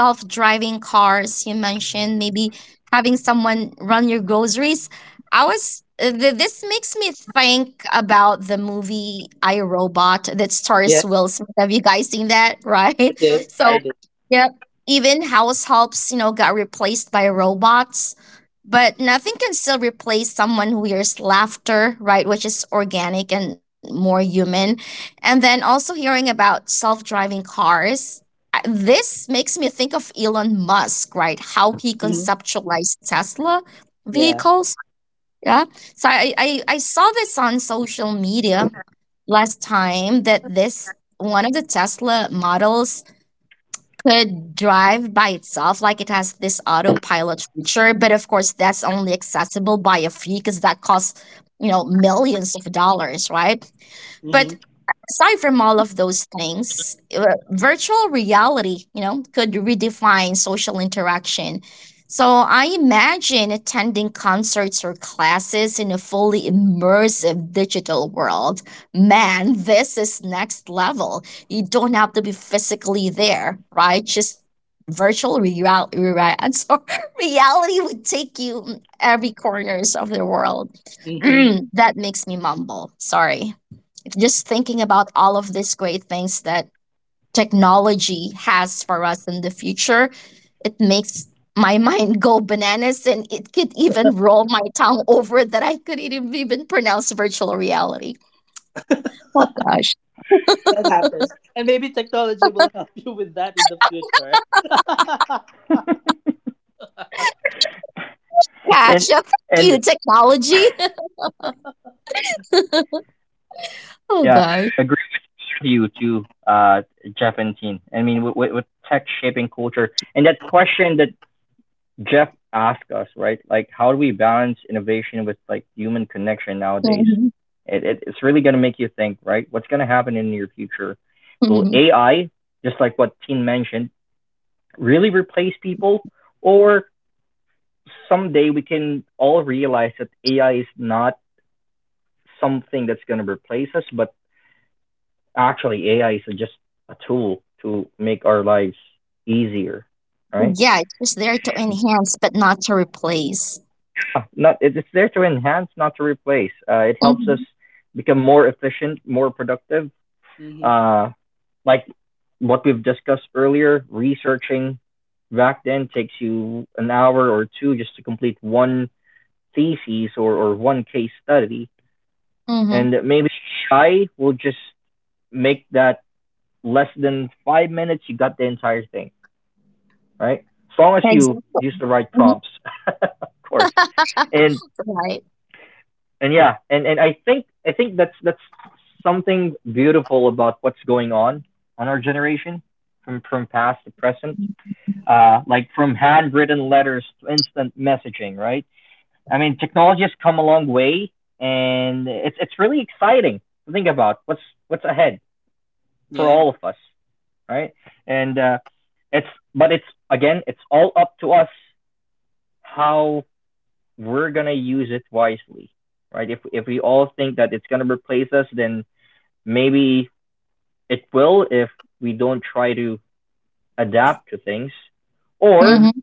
Speaker 2: self driving cars, you mentioned maybe having someone run your groceries. I was, this makes me think about the movie I Robot that stars
Speaker 3: Yeah,
Speaker 2: Will Smith. Have you guys seen that, right?
Speaker 3: I
Speaker 2: [LAUGHS]
Speaker 3: did. I
Speaker 2: So,
Speaker 3: did.
Speaker 2: yeah, even house helps, you know, got replaced by robots. But nothing can still replace someone who hears laughter, right? Which is organic and more human. And then also hearing about self driving cars. This makes me think of Elon Musk, right? How he
Speaker 3: Mhm.
Speaker 2: conceptualized Tesla
Speaker 3: Yeah.
Speaker 2: vehicles. Yeah. So I saw this on social media last time that this one of the Tesla models could drive by itself, like it has this autopilot feature. But of course, that's only accessible by a fee because that costs, you know, millions of dollars, right?
Speaker 3: Hmm.
Speaker 2: But aside from all of those things, virtual reality, you know, could redefine social interaction. So I imagine attending concerts or classes in a fully immersive digital world. Man, this is next level. You don't have to be physically there, right? Just virtual reality so [LAUGHS] reality would take you every corners of the world [CLEARS THROAT]
Speaker 3: Hmm.
Speaker 2: Mm, that makes me mumble sorry just thinking about all of these great things that technology has for us in the future, it makes my [LAUGHS] mind go bananas and it could even roll my tongue over that I couldn't even pronounce virtual reality. Oh gosh.
Speaker 3: That happens. And maybe technology will help [LAUGHS] you with that in the future. [LAUGHS]
Speaker 1: And
Speaker 2: Gotcha. Thank you,
Speaker 1: and
Speaker 2: technology. [LAUGHS] oh
Speaker 1: yeah,
Speaker 2: gosh.
Speaker 1: I agree with you too, Jeff and Teen. I mean, with tech shaping culture and that question that Jeff asked us, right? Like, how do we balance innovation with like human connection nowadays?
Speaker 2: Mhm.
Speaker 1: It's really gonna make you think, right? What's gonna happen in the near future? Will
Speaker 2: Mhm.
Speaker 1: AI, just like what Teen mentioned, really replace people, or someday we can all realize that AI is not something that's going to replace us, but actually AI is just a tool to make our lives easier, right?
Speaker 2: Yeah, it's just there to enhance but not to replace.
Speaker 1: Not it's there to enhance, not to replace. It helps us
Speaker 2: Mm-hmm.
Speaker 1: become more efficient, more productive.
Speaker 3: Hmm.
Speaker 1: Uh, like what we've discussed earlier, researching back then takes you an hour or two just to complete one thesis, or one case study.
Speaker 2: Mm-hmm.
Speaker 1: And maybe I will just make that less than 5 minutes, you got the entire thing, right? As long as you
Speaker 2: Exactly.
Speaker 1: use the right
Speaker 2: hmm
Speaker 1: prompts, [LAUGHS] of course. And
Speaker 2: Right.
Speaker 1: and yeah, and I think that's something beautiful about what's going on our generation from past to present. Like from handwritten letters to instant messaging, right? I mean, technology has come a long way, and it's really exciting to think about what's ahead for
Speaker 3: Yeah.
Speaker 1: all of us, right? And it's it's again, it's all up to us how we're gonna use it wisely, right? If we all think that it's gonna replace us, then maybe it will if we don't try to adapt to things, or
Speaker 3: Mhm. [LAUGHS]
Speaker 2: Mm-hmm.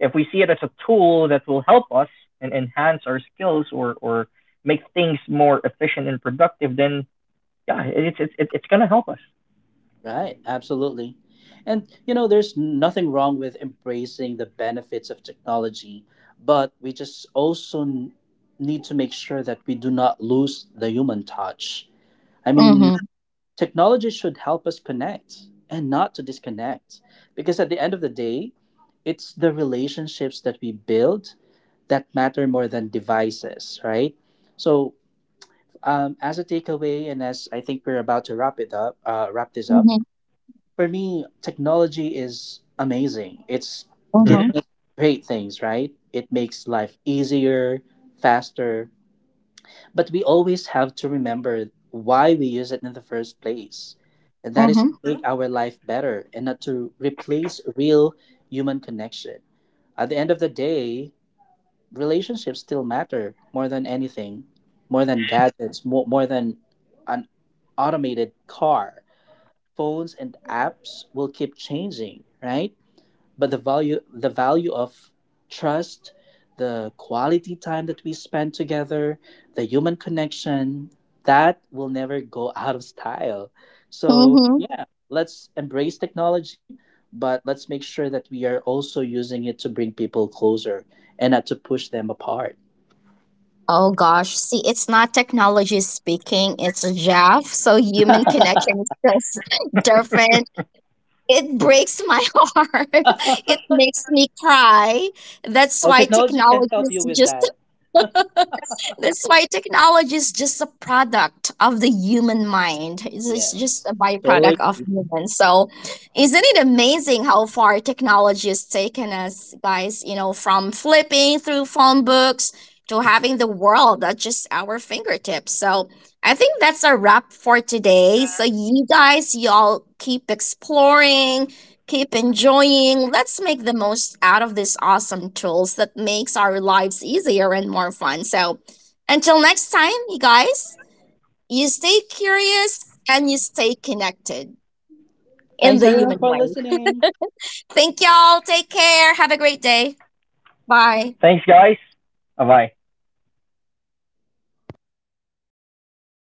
Speaker 1: if we see it as a tool that will help us and enhance our skills or make things more efficient and productive, then yeah, it's gonna help us.
Speaker 3: Right. Absolutely. And, you know, there's nothing wrong with embracing the benefits of technology, but we just also need to make sure that we do not lose the human touch. I mean,
Speaker 2: Mm-hmm.
Speaker 3: technology should help us connect and not to disconnect. Because at the end of the day, it's the relationships that we build that matter more than devices, right? So, as a takeaway, and as I think we're about to wrap this up. For me, technology is amazing. It's giving
Speaker 1: Mm-hmm.
Speaker 2: Mm-hmm.
Speaker 3: us great things, right? It makes life easier, faster, but we always have to remember why we use it in the first place, and that is
Speaker 2: Mm-hmm.
Speaker 3: to make our life better and not to replace real human connection. At the end of the day, relationships still matter more than anything, more than gadgets, more than an automated car. Phones and apps will keep changing, right? But the value of trust, the quality time that we spend together, the human connection, that will never go out of style. So,
Speaker 2: Mm-hmm.
Speaker 3: yeah, let's embrace technology, but let's make sure that we are also using it to bring people closer and not to push them apart.
Speaker 2: Oh gosh. See, it's not technology speaking, it's a Jav. So human connection is
Speaker 3: [LAUGHS]
Speaker 2: just [LAUGHS] different. It breaks my [LAUGHS] heart. It makes me cry. That's
Speaker 3: Oh,
Speaker 2: why
Speaker 3: technology can
Speaker 2: technology
Speaker 3: help you
Speaker 2: is
Speaker 3: with
Speaker 2: just
Speaker 3: that.
Speaker 2: That's why technology is just a product of the human mind. It's just
Speaker 3: Yes.
Speaker 2: a
Speaker 3: Totally.
Speaker 2: byproduct of humans. So, isn't it amazing how far technology has taken us, guys? You know, from flipping through phone books to having the world at just our fingertips. So, I think that's a wrap for today. So, you guys, y'all keep exploring. Keep enjoying. Let's make the most out of these awesome tools that makes our lives easier and more fun. So, until next time, you guys, you stay curious and you stay connected in
Speaker 3: Thanks
Speaker 2: the
Speaker 3: everyone
Speaker 2: human
Speaker 3: for
Speaker 2: way.
Speaker 3: listening.
Speaker 2: Thank y'all. Take care. Have a great day. Bye.
Speaker 1: Thanks, guys. Bye bye.